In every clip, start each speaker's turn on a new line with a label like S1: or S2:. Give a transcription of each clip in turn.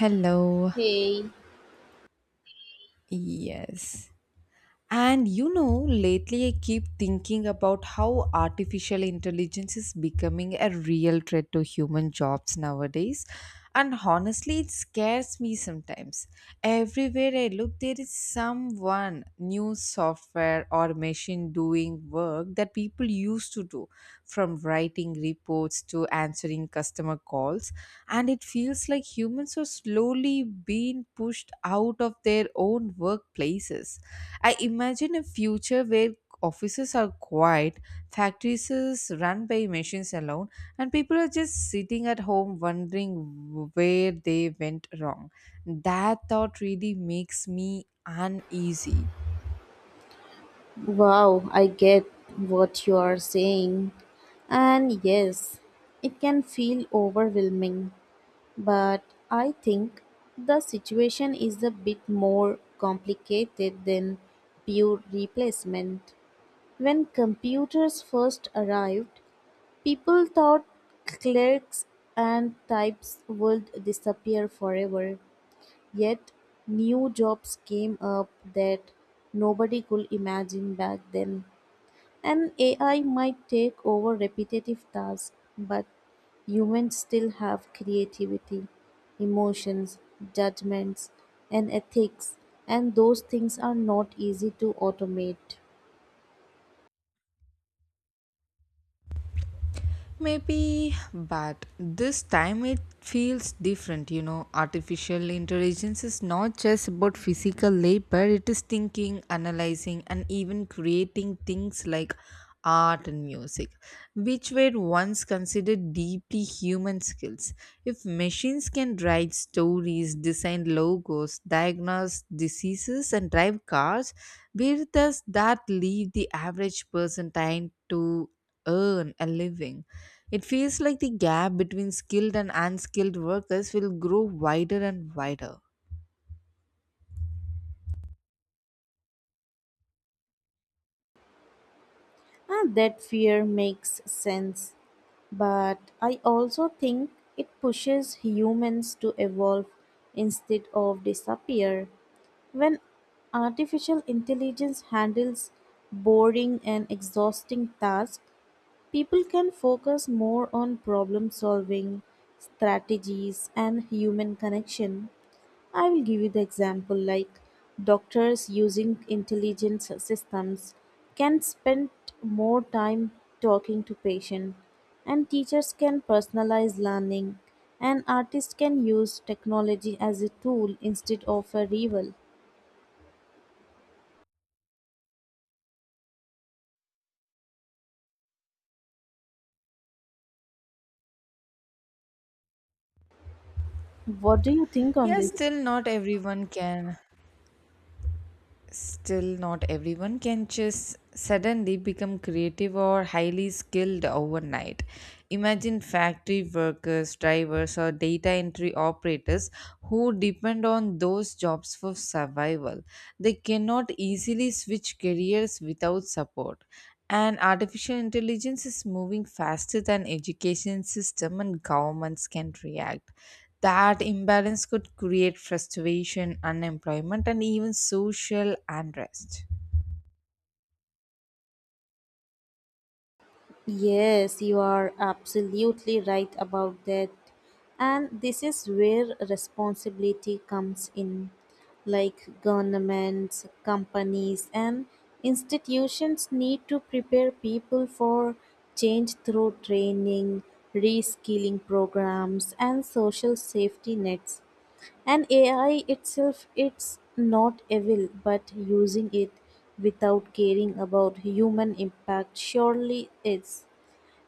S1: Hello.
S2: Hey,
S1: Yes. And you know, lately I keep thinking about how artificial intelligence is becoming a real threat to human jobs nowadays. And honestly, it scares me sometimes. Everywhere I look, there is someone, new software or machine doing work that people used to do, from writing reports to answering customer calls, and it feels like humans are slowly being pushed out of their own workplaces. I imagine a future where offices are quiet, factories is run by machines alone, and people are just sitting at home wondering where they went wrong. That thought really makes me uneasy.
S2: wow, I get what you are saying. And yes, it can feel overwhelming, but I think the situation is a bit more complicated than pure replacement. When computers first arrived, people thought clerks and types would disappear forever. Yet new jobs came up that nobody could imagine back then. And AI might take over repetitive tasks, but humans still have creativity, emotions, judgments, and ethics, and those things are not easy to automate.
S1: Maybe, but this time it feels different, you know. Artificial intelligence is not just about physical labor, it is thinking, analyzing, and even creating things like art and music, which were once considered deeply human skills. If machines can write stories, design logos, diagnose diseases, and drive cars, where does that leave the average person time to earn a living? It feels like the gap between skilled and unskilled workers will grow wider and wider.
S2: And that fear makes sense, but I also think it pushes humans to evolve instead of disappear. When artificial intelligence handles boring and exhausting tasks, people can focus more on problem solving, strategies, and human connection. I will give you the example like doctors using intelligence systems can spend more time talking to patients, and teachers can personalize learning, and artists can use technology as a tool instead of a rival. What do you think on
S1: Yes,
S2: this?
S1: still not everyone can Still, not everyone can just suddenly become creative or highly skilled overnight. Imagine factory workers, drivers, or data entry operators who depend on those jobs for survival. They cannot easily switch careers without support. And artificial intelligence is moving faster than education system and governments can react. That imbalance could create frustration, unemployment, and even social unrest.
S2: Yes, you are absolutely right about that. And this is where responsibility comes in. Like governments, companies, and institutions need to prepare people for change through training, reskilling programs, and social safety nets. And AI itself, it's not evil, but using it without caring about human impact surely is.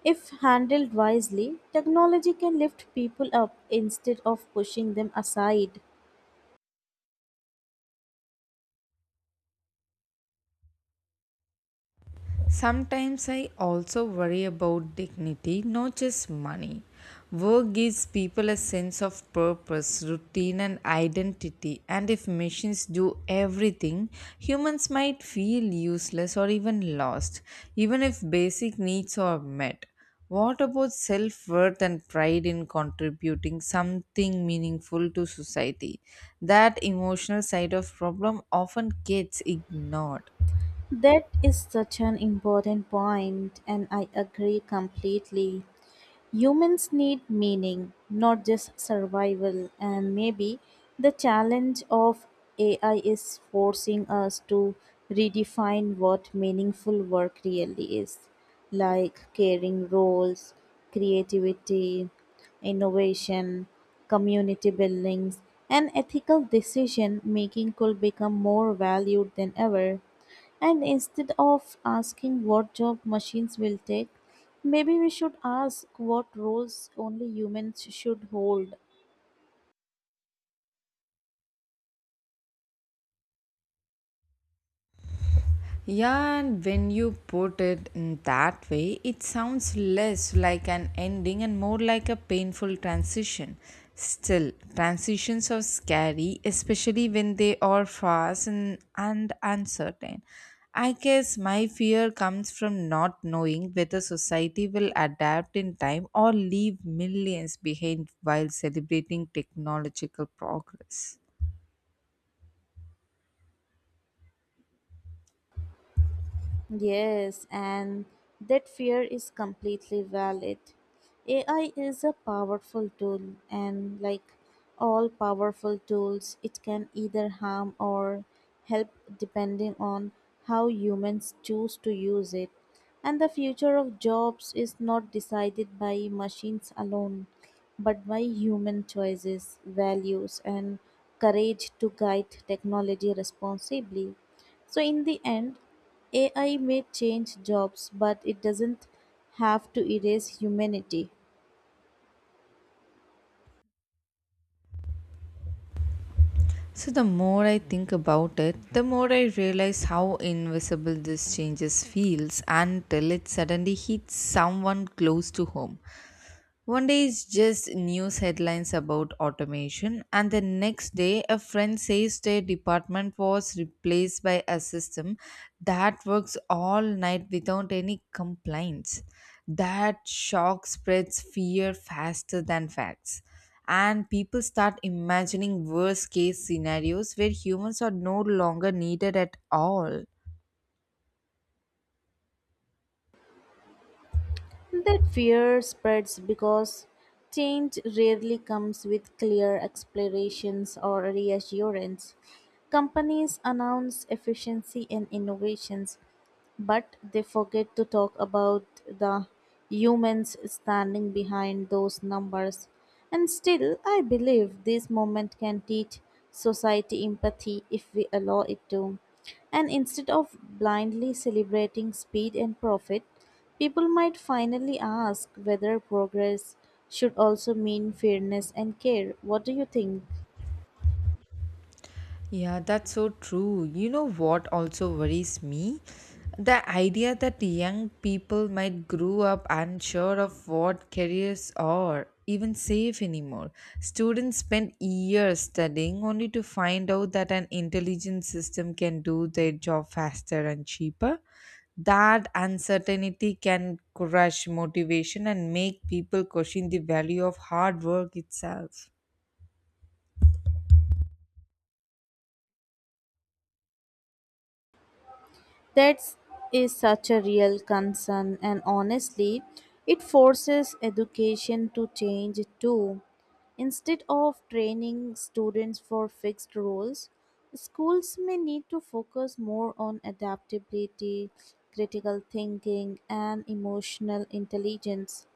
S2: If handled wisely, technology can lift people up instead of pushing them aside.
S1: Sometimes I also worry about dignity, not just money. Work gives people a sense of purpose, routine, and identity. And if machines do everything, humans might feel useless or even lost, even if basic needs are met. What about self worth and pride in contributing something meaningful to society? That emotional side of problem often gets ignored.
S2: That is such an important point, and I agree completely. Humans need meaning, not just survival, and maybe the challenge of AI is forcing us to redefine what meaningful work really is, like caring roles, creativity, innovation, community buildings, and ethical decision making could become more valued than ever. And instead of asking what job machines will take, maybe we should ask what roles only humans should hold.
S1: Yeah, and when you put it in that way, it sounds less like an ending and more like a painful transition. Still, transitions are scary, especially when they are fast and uncertain. I guess my fear comes from not knowing whether society will adapt in time or leave millions behind while celebrating technological progress.
S2: Yes, and that fear is completely valid. AI is a powerful tool, and like all powerful tools, it can either harm or help depending on how humans choose to use it. And the future of jobs is not decided by machines alone, but by human choices, values, and courage to guide technology responsibly. So, in the end, AI may change jobs, but it doesn't have to erase humanity.
S1: So, the more I think about it, the more I realize how invisible this changes feels until it suddenly hits someone close to home. One day is just news headlines about automation, and the next day, a friend says their department was replaced by a system that works all night without any complaints. That shock spreads fear faster than facts, and people start imagining worst case scenarios where humans are no longer needed at all.
S2: That fear spreads because change rarely comes with clear explanations or reassurance. Companies announce efficiency and innovations, but they forget to talk about the humans standing behind those numbers. And still, I believe this moment can teach society empathy if we allow it to. And instead of blindly celebrating speed and profit, people might finally ask whether progress should also mean fairness and care. What do you think?
S1: Yeah, that's so true. You know what also worries me? The idea that young people might grow up unsure of what careers are even safe anymore. Students spend years studying only to find out that an intelligent system can do their job faster and cheaper. That uncertainty can crush motivation and make people question the value of hard work itself.
S2: That is such a real concern, and honestly, it forces education to change too. Instead of training students for fixed roles, schools may need to focus more on adaptability, critical thinking, and emotional intelligence.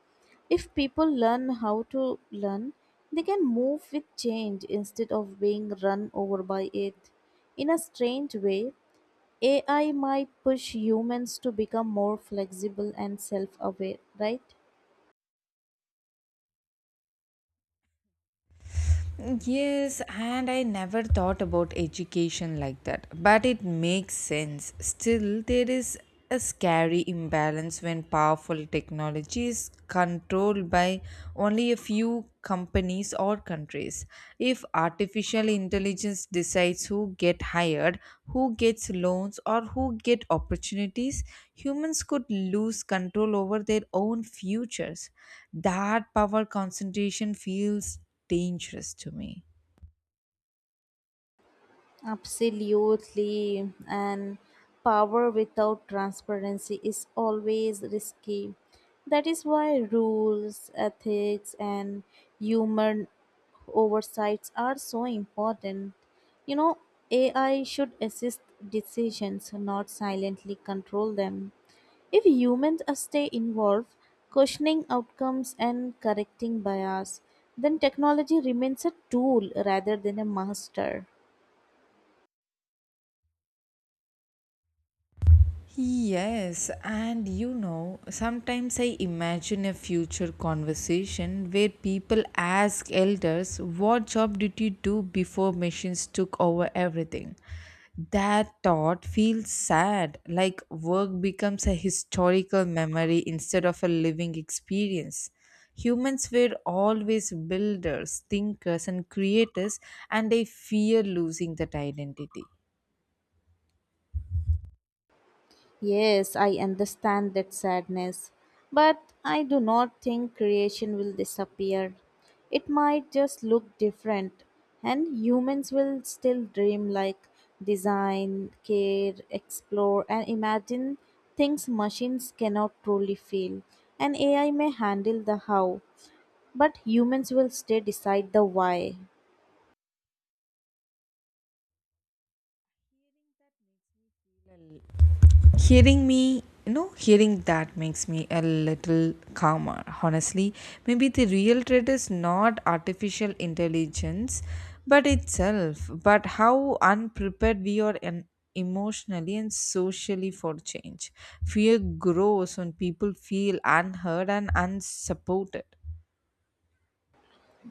S2: If people learn how to learn, they can move with change instead of being run over by it. In a strange way, AI might push humans to become more flexible and self aware, right?
S1: Yes, and I never thought about education like that, but it makes sense. Still, there is a scary imbalance when powerful technology is controlled by only a few companies or countries. If artificial intelligence decides who get hired, who gets loans or who get opportunities, humans could lose control over their own futures. That power concentration feels dangerous to me.
S2: Absolutely. And power without transparency is always risky. That is why rules, ethics, and human oversights are so important. You know, AI should assist decisions, not silently control them. If humans stay involved, questioning outcomes and correcting bias, then technology remains a tool rather than a master.
S1: Yes, and you know, sometimes I imagine a future conversation where people ask elders, "What job did you do before machines took over everything?" That thought feels sad, like work becomes a historical memory instead of a living experience. Humans were always builders, thinkers, and creators, and I fear losing that identity.
S2: Yes, I understand that sadness, but I do not think creation will disappear. It might just look different, and humans will still dream like design, care, explore, and imagine things machines cannot truly feel. And AI may handle the how, but humans will stay decide the why.
S1: Hearing me Hearing that makes me a little calmer, honestly. Maybe the real threat is not artificial intelligence but itself, but how unprepared we are, and emotionally and socially, for change. Fear grows when people feel unheard and unsupported.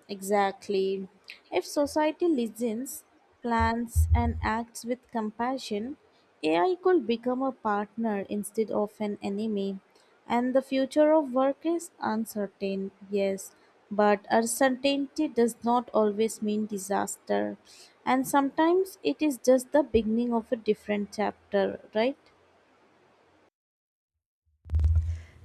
S2: Exactly. If society listens, plans, and acts with compassion, AI could become a partner instead of an enemy. And the future of work is uncertain, yes, but uncertainty does not always mean disaster. And sometimes it is just the beginning of a different chapter, right?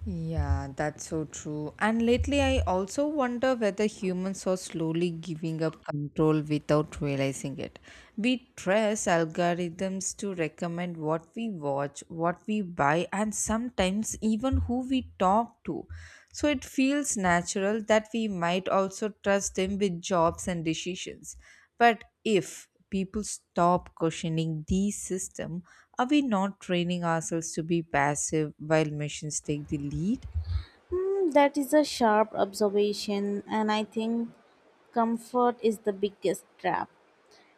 S1: Yeah, that's so true. And lately, I also wonder whether humans are slowly giving up control without realizing it. We trust algorithms to recommend what we watch, what we buy, and sometimes even who we talk to. So it feels natural that we might also trust them with jobs and decisions. But if people stop questioning these system, are we not training ourselves to be passive while machines take the lead?
S2: Hmm, that is a sharp observation, and I think comfort is the biggest trap.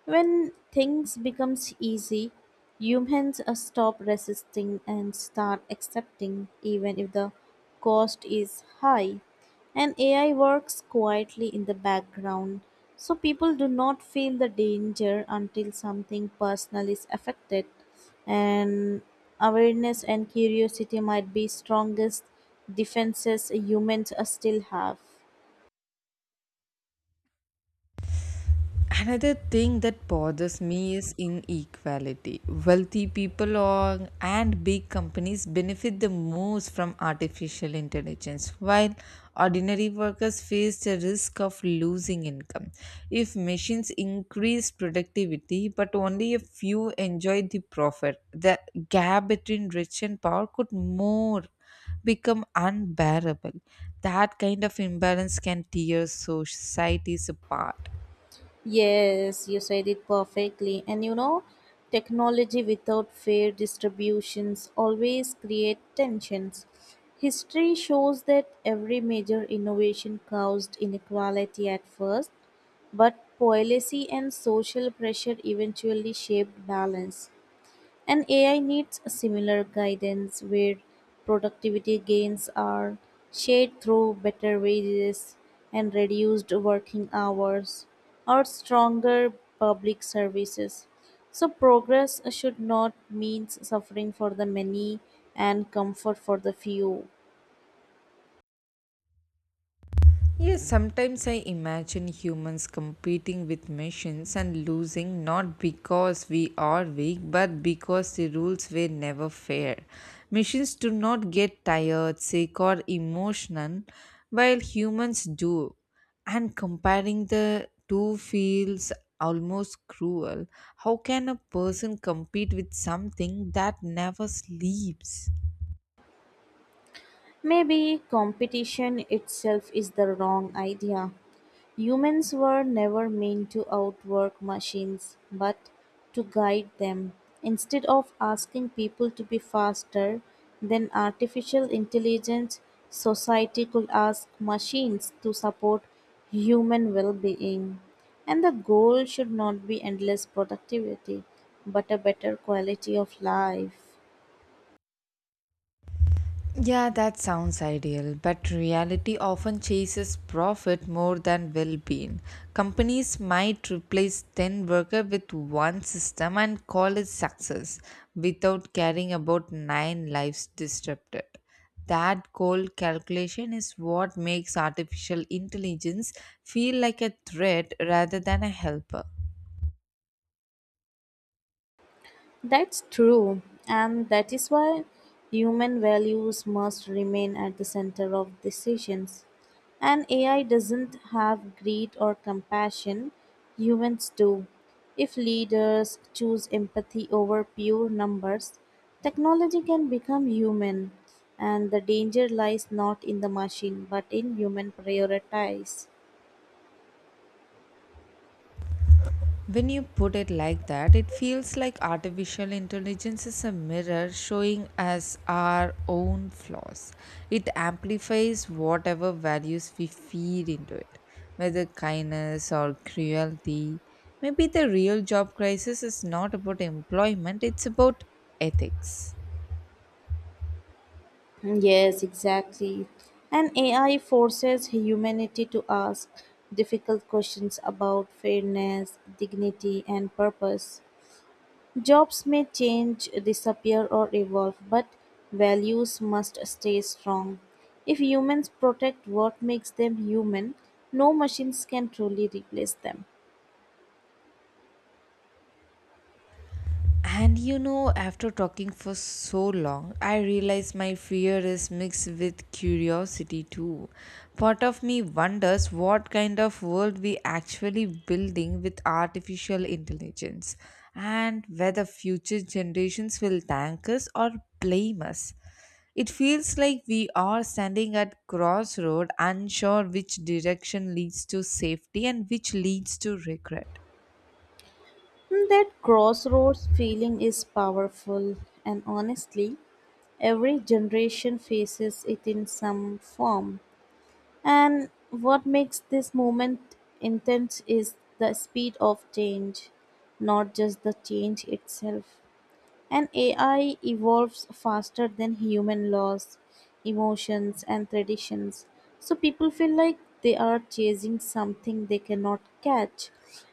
S2: When things becomes easy, humans stop resisting and start accepting even if the cost is high. And AI works quietly in the background. So people do not feel the danger until something personal is affected and awareness and curiosity might be strongest defenses humans still have.
S1: Another thing that bothers me is inequality. Wealthy people or, and big companies benefit the most from artificial intelligence, while ordinary workers face the risk of losing income. If machines increase productivity, but only a few enjoy the profit, the gap between rich and poor could more become unbearable. That kind of imbalance can tear societies apart.
S2: Yes, you said it perfectly. And you know, technology without fair distributions always create tensions. History shows that every major innovation caused inequality at first, but policy and social pressure eventually shaped balance. And AI needs a similar guidance where productivity gains are shared through better wages and reduced working hours or stronger public services. So, progress should not mean suffering for the many and comfort for the few.
S1: Yes, sometimes I imagine humans competing with machines and losing, not because we are weak but because the rules were never fair. Machines do not get tired, sick, or emotional while humans do. And comparing the two feels almost cruel. How can a person compete with something that never sleeps?
S2: Maybe competition itself is the wrong idea. Humans were never meant to outwork machines, but to guide them. Instead of asking people to be faster than artificial intelligence, society could ask machines to support human well being. And the goal should not be endless productivity, but a better quality of life.
S1: Yeah, that sounds ideal, but reality often chases profit more than well being. Companies might replace 10 workers with one system and call it success without caring about 9 lives disrupted. That cold calculation is what makes artificial intelligence feel like a threat rather than a helper.
S2: That's true, and that is why human values must remain at the center of decisions. And AI doesn't have greed or compassion, humans do. If leaders choose empathy over pure numbers, technology can become human, and the danger lies not in the machine but in human priorities.
S1: When you put it like that, it feels like artificial intelligence is a mirror showing us our own flaws. It amplifies whatever values we feed into it, whether kindness or cruelty. Maybe the real job crisis is not about employment, it's about ethics.
S2: Yes, exactly. And AI forces humanity to ask difficult questions about fairness, dignity, and purpose. Jobs may change, disappear, or evolve, but values must stay strong. If humans protect what makes them human, no machines can truly replace them.
S1: And you know, after talking for so long, I realize my fear is mixed with curiosity too. Part of me wonders what kind of world we actually building with artificial intelligence and whether future generations will thank us or blame us. It feels like we are standing at crossroad unsure which direction leads to safety and which leads to regret.
S2: That crossroads feeling is powerful, and honestly, every generation faces it in some form. And what makes this moment intense is the speed of change, not just the change itself. And AI evolves faster than human laws, emotions, and traditions. So people feel like they are chasing something they cannot catch.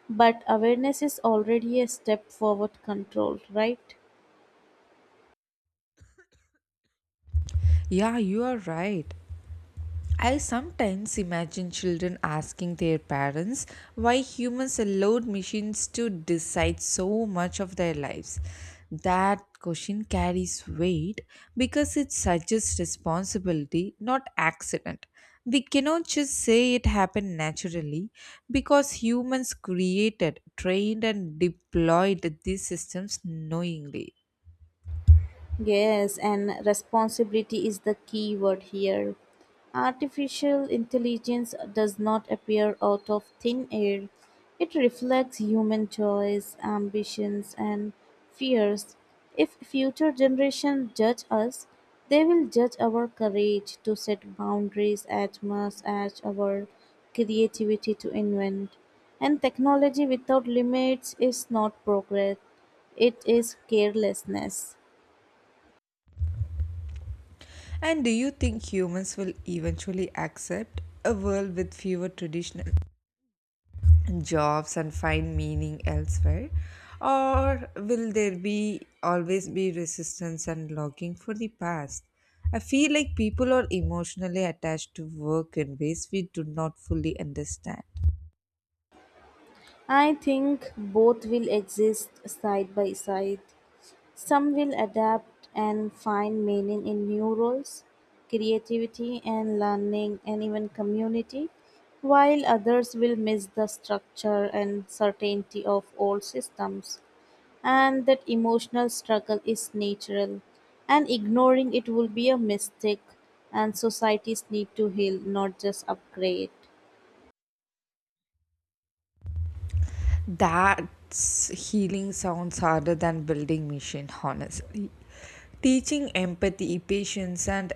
S2: But awareness is already a step forward control, right?
S1: Yeah, you are right. I sometimes imagine children asking their parents why humans allowed machines to decide so much of their lives. That question carries weight because it suggests responsibility, not accident. We cannot just say it happened naturally because humans created, trained, and deployed these systems knowingly.
S2: Yes, and responsibility is the key word here. Artificial intelligence does not appear out of thin air. It reflects human choice, ambitions, and fears. If future generations judge us, they will judge our courage to set boundaries as much as our creativity to invent. And technology without limits is not progress, it is carelessness.
S1: And do you think humans will eventually accept a world with fewer traditional jobs and find meaning elsewhere? Or will there be always be resistance and longing for the past? I feel like people are emotionally attached to work in ways we do not fully understand.
S2: I think both will exist side by side. Some will adapt and find meaning in new roles, creativity and learning, and even community, while others will miss the structure and certainty of old systems. And that emotional struggle is natural, and ignoring it will be a mistake, and societies need to heal, not just upgrade.
S1: That's healing sounds harder than building machine, honestly. Teaching empathy, patience, and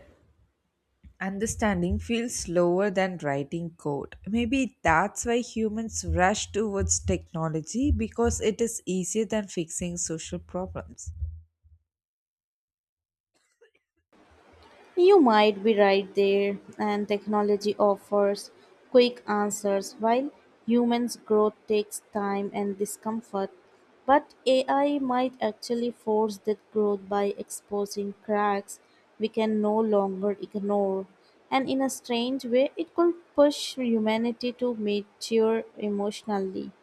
S1: understanding feels slower than writing code. Maybe that's why humans rush towards technology because it is easier than fixing social problems.
S2: You might be right there, and technology offers quick answers while humans' growth takes time and discomfort. But AI might actually force that growth by exposing cracks we can no longer ignore. And in a strange way, it could push humanity to mature emotionally.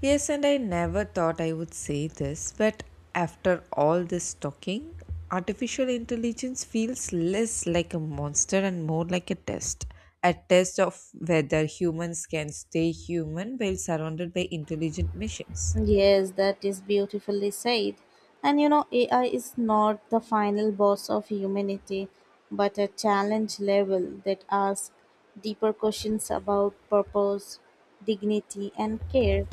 S1: Yes, and I never thought I would say this, but after all this talking, artificial intelligence feels less like a monster and more like a test. A test of whether humans can stay human while surrounded by intelligent machines.
S2: Yes, that is beautifully said. And you know, AI is not the final boss of humanity, but a challenge level that asks deeper questions about purpose, dignity, and care.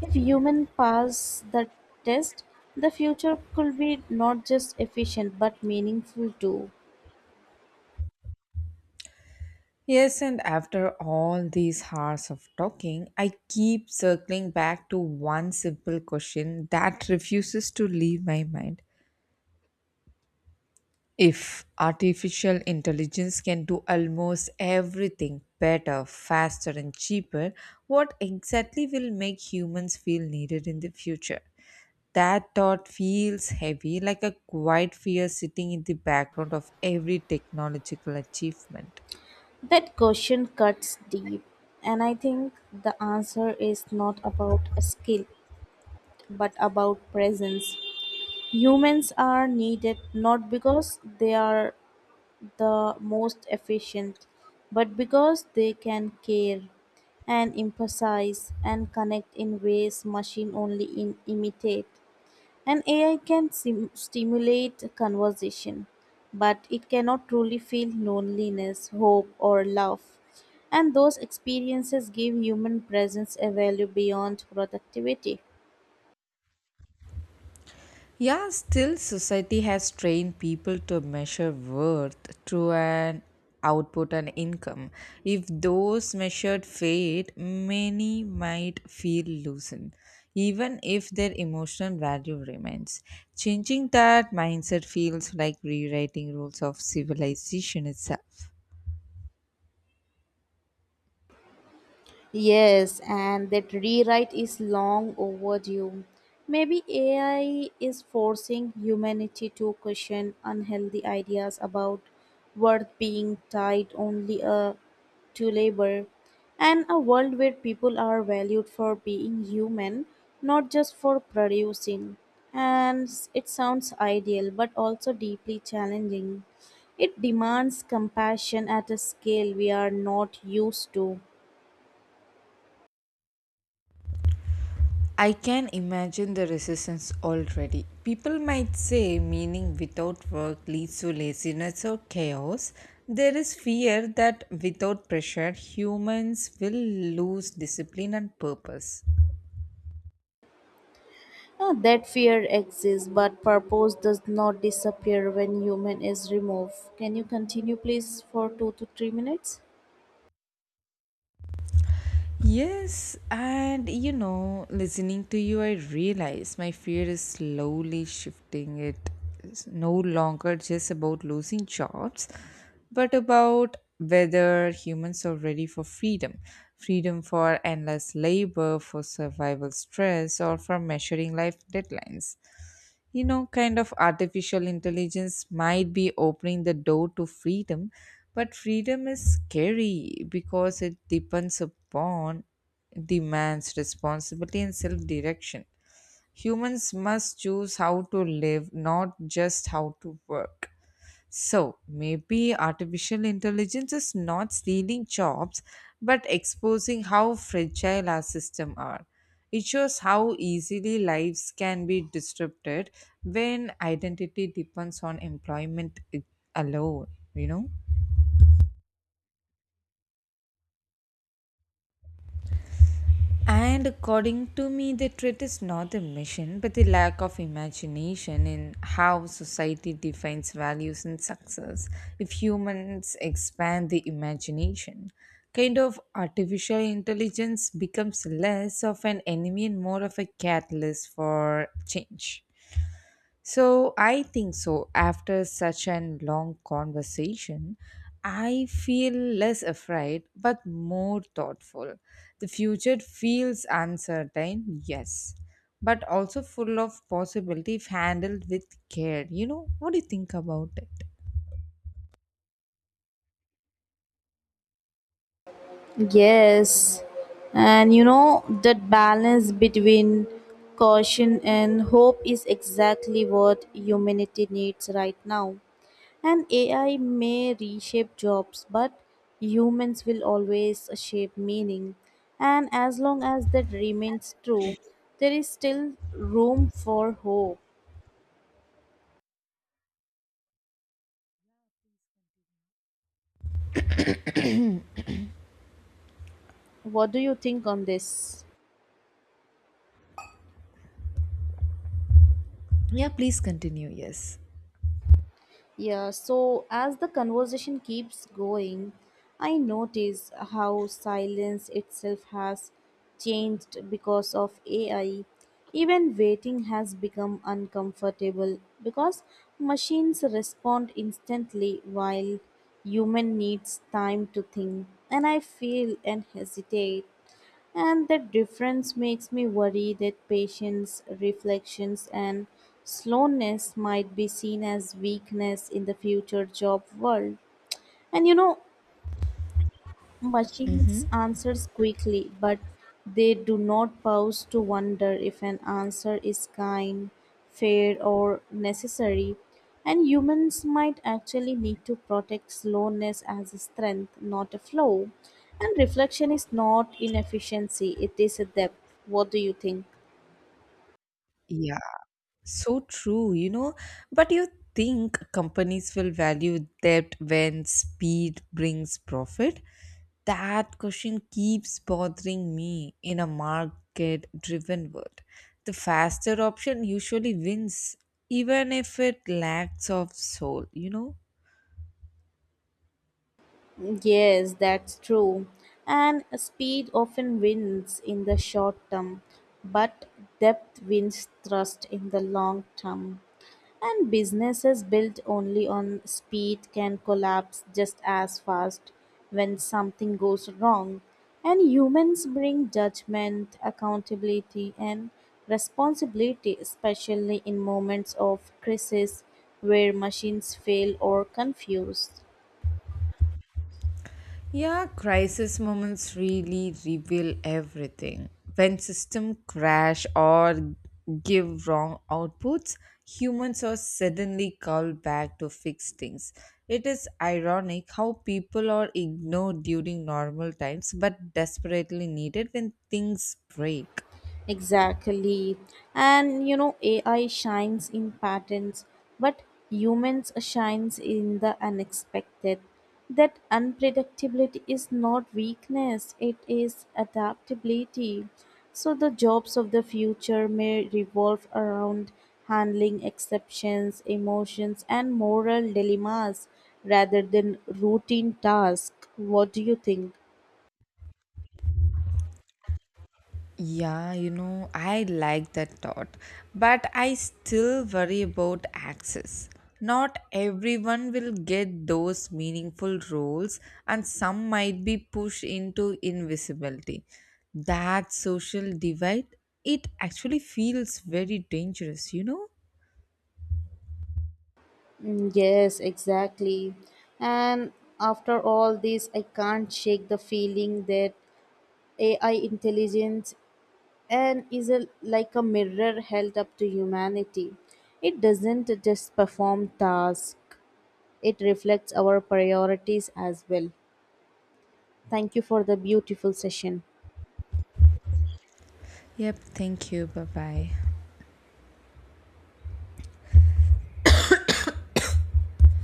S2: If humans pass the test, the future could be not just efficient but meaningful too.
S1: Yes, and after all these hours of talking, I keep circling back to one simple question that refuses to leave my mind. If artificial intelligence can do almost everything better, faster, and cheaper, what exactly will make humans feel needed in the future? That thought feels heavy, like a quiet fear sitting in the background of every technological achievement.
S2: That question cuts deep, and I think the answer is not about a skill but about presence. Humans are needed not because they are the most efficient, but because they can care and empathize and connect in ways machine only imitate. An AI can stimulate conversation, but it cannot truly feel loneliness, hope, or love. And those experiences give human presence a value beyond productivity.
S1: Yeah, still, society has trained people to measure worth through an output and income. If those measured fade, many might feel loosened, even if their emotional value remains. Changing that mindset feels like rewriting rules of civilization itself.
S2: Yes, and that rewrite is long overdue. Maybe AI is forcing humanity to question unhealthy ideas about worth being tied only to labor, and a world where people are valued for being human, not just for producing. And it sounds ideal, but also deeply challenging. It demands compassion at a scale we are not used to.
S1: I can imagine the resistance already. People might say meaning without work leads to laziness or chaos. There is fear that without pressure, humans will lose discipline and purpose.
S2: Ah, that fear exists, but purpose does not disappear when human is removed. Can you continue, please, for 2 to 3 minutes?
S1: Yes, and you know, listening to you, I realize my fear is slowly shifting. It is no longer just about losing jobs, but about whether humans are ready for freedom, freedom for endless labor, for survival stress, or for measuring life deadlines, you know, kind of artificial intelligence might be opening the door to freedom, but freedom is scary because it depends upon demands responsibility and self direction. Humans must choose how to live, not just how to work. So maybe artificial intelligence is not stealing jobs but exposing how fragile our systems are. It shows how easily lives can be disrupted when identity depends on employment alone, you know? And according to me, the threat is not the mission, but the lack of imagination in how society defines values and success. If humans expand the imagination, kind of artificial intelligence becomes less of an enemy and more of a catalyst for change. So I think so. After such an long conversation, I feel less afraid but more thoughtful. The future feels uncertain, yes, but also full of possibility if handled with care. You know, what do you think about it?
S2: Yes. And you know, that balance between caution and hope is exactly what humanity needs right now. And AI may reshape jobs, but humans will always shape meaning. And as long as that remains true, there is still room for hope. What do you think on this?
S1: Yeah, please continue. Yes.
S2: Yeah, so as the conversation keeps going, I notice how silence itself has changed because of AI. Even waiting has become uncomfortable because machines respond instantly while human needs time to think and I feel and hesitate. And that difference makes me worry that patience, reflections, and slowness might be seen as weakness in the future job world. And you know,
S1: Mm-hmm.
S2: machines answers quickly, but they do not pause to wonder if an answer is kind, fair, or necessary. And humans might actually need to protect slowness as a strength, not a flaw. And reflection is not inefficiency, it is a depth. What do you think?
S1: Yeah. So true, you know. But you think companies will value that when speed brings profit? That question keeps bothering me in a market driven world. The faster option usually wins, even if it lacks of soul, you know?
S2: Yes, that's true. And speed often wins in the short term, but depth wins trust in the long term. And businesses built only on speed can collapse just as fast when something goes wrong. And humans bring judgment, accountability, and responsibility, especially in moments of crisis where machines fail or confuse.
S1: Yeah, crisis moments really reveal everything. When system crash or give wrong outputs, humans are suddenly called back to fix things. It is ironic how people are ignored during normal times but desperately needed when things break.
S2: Exactly. And you know, AI shines in patterns, but humans shines in the unexpected. That unpredictability is not weakness, it is adaptability. So the jobs of the future may revolve around handling exceptions, emotions and moral dilemmas rather than routine tasks. What do you think?
S1: Yeah, you know, I like that thought, but I still worry about access. Not everyone will get those meaningful roles, and some might be pushed into invisibility. That social divide, it actually feels very dangerous, you know?
S2: Mm, yes, exactly. And after all this, I can't shake the feeling that AI intelligence and is a, like a mirror held up to humanity. It doesn't just perform tasks, it reflects our priorities as well. Thank you for the beautiful session.
S1: Yep, thank you. Bye bye.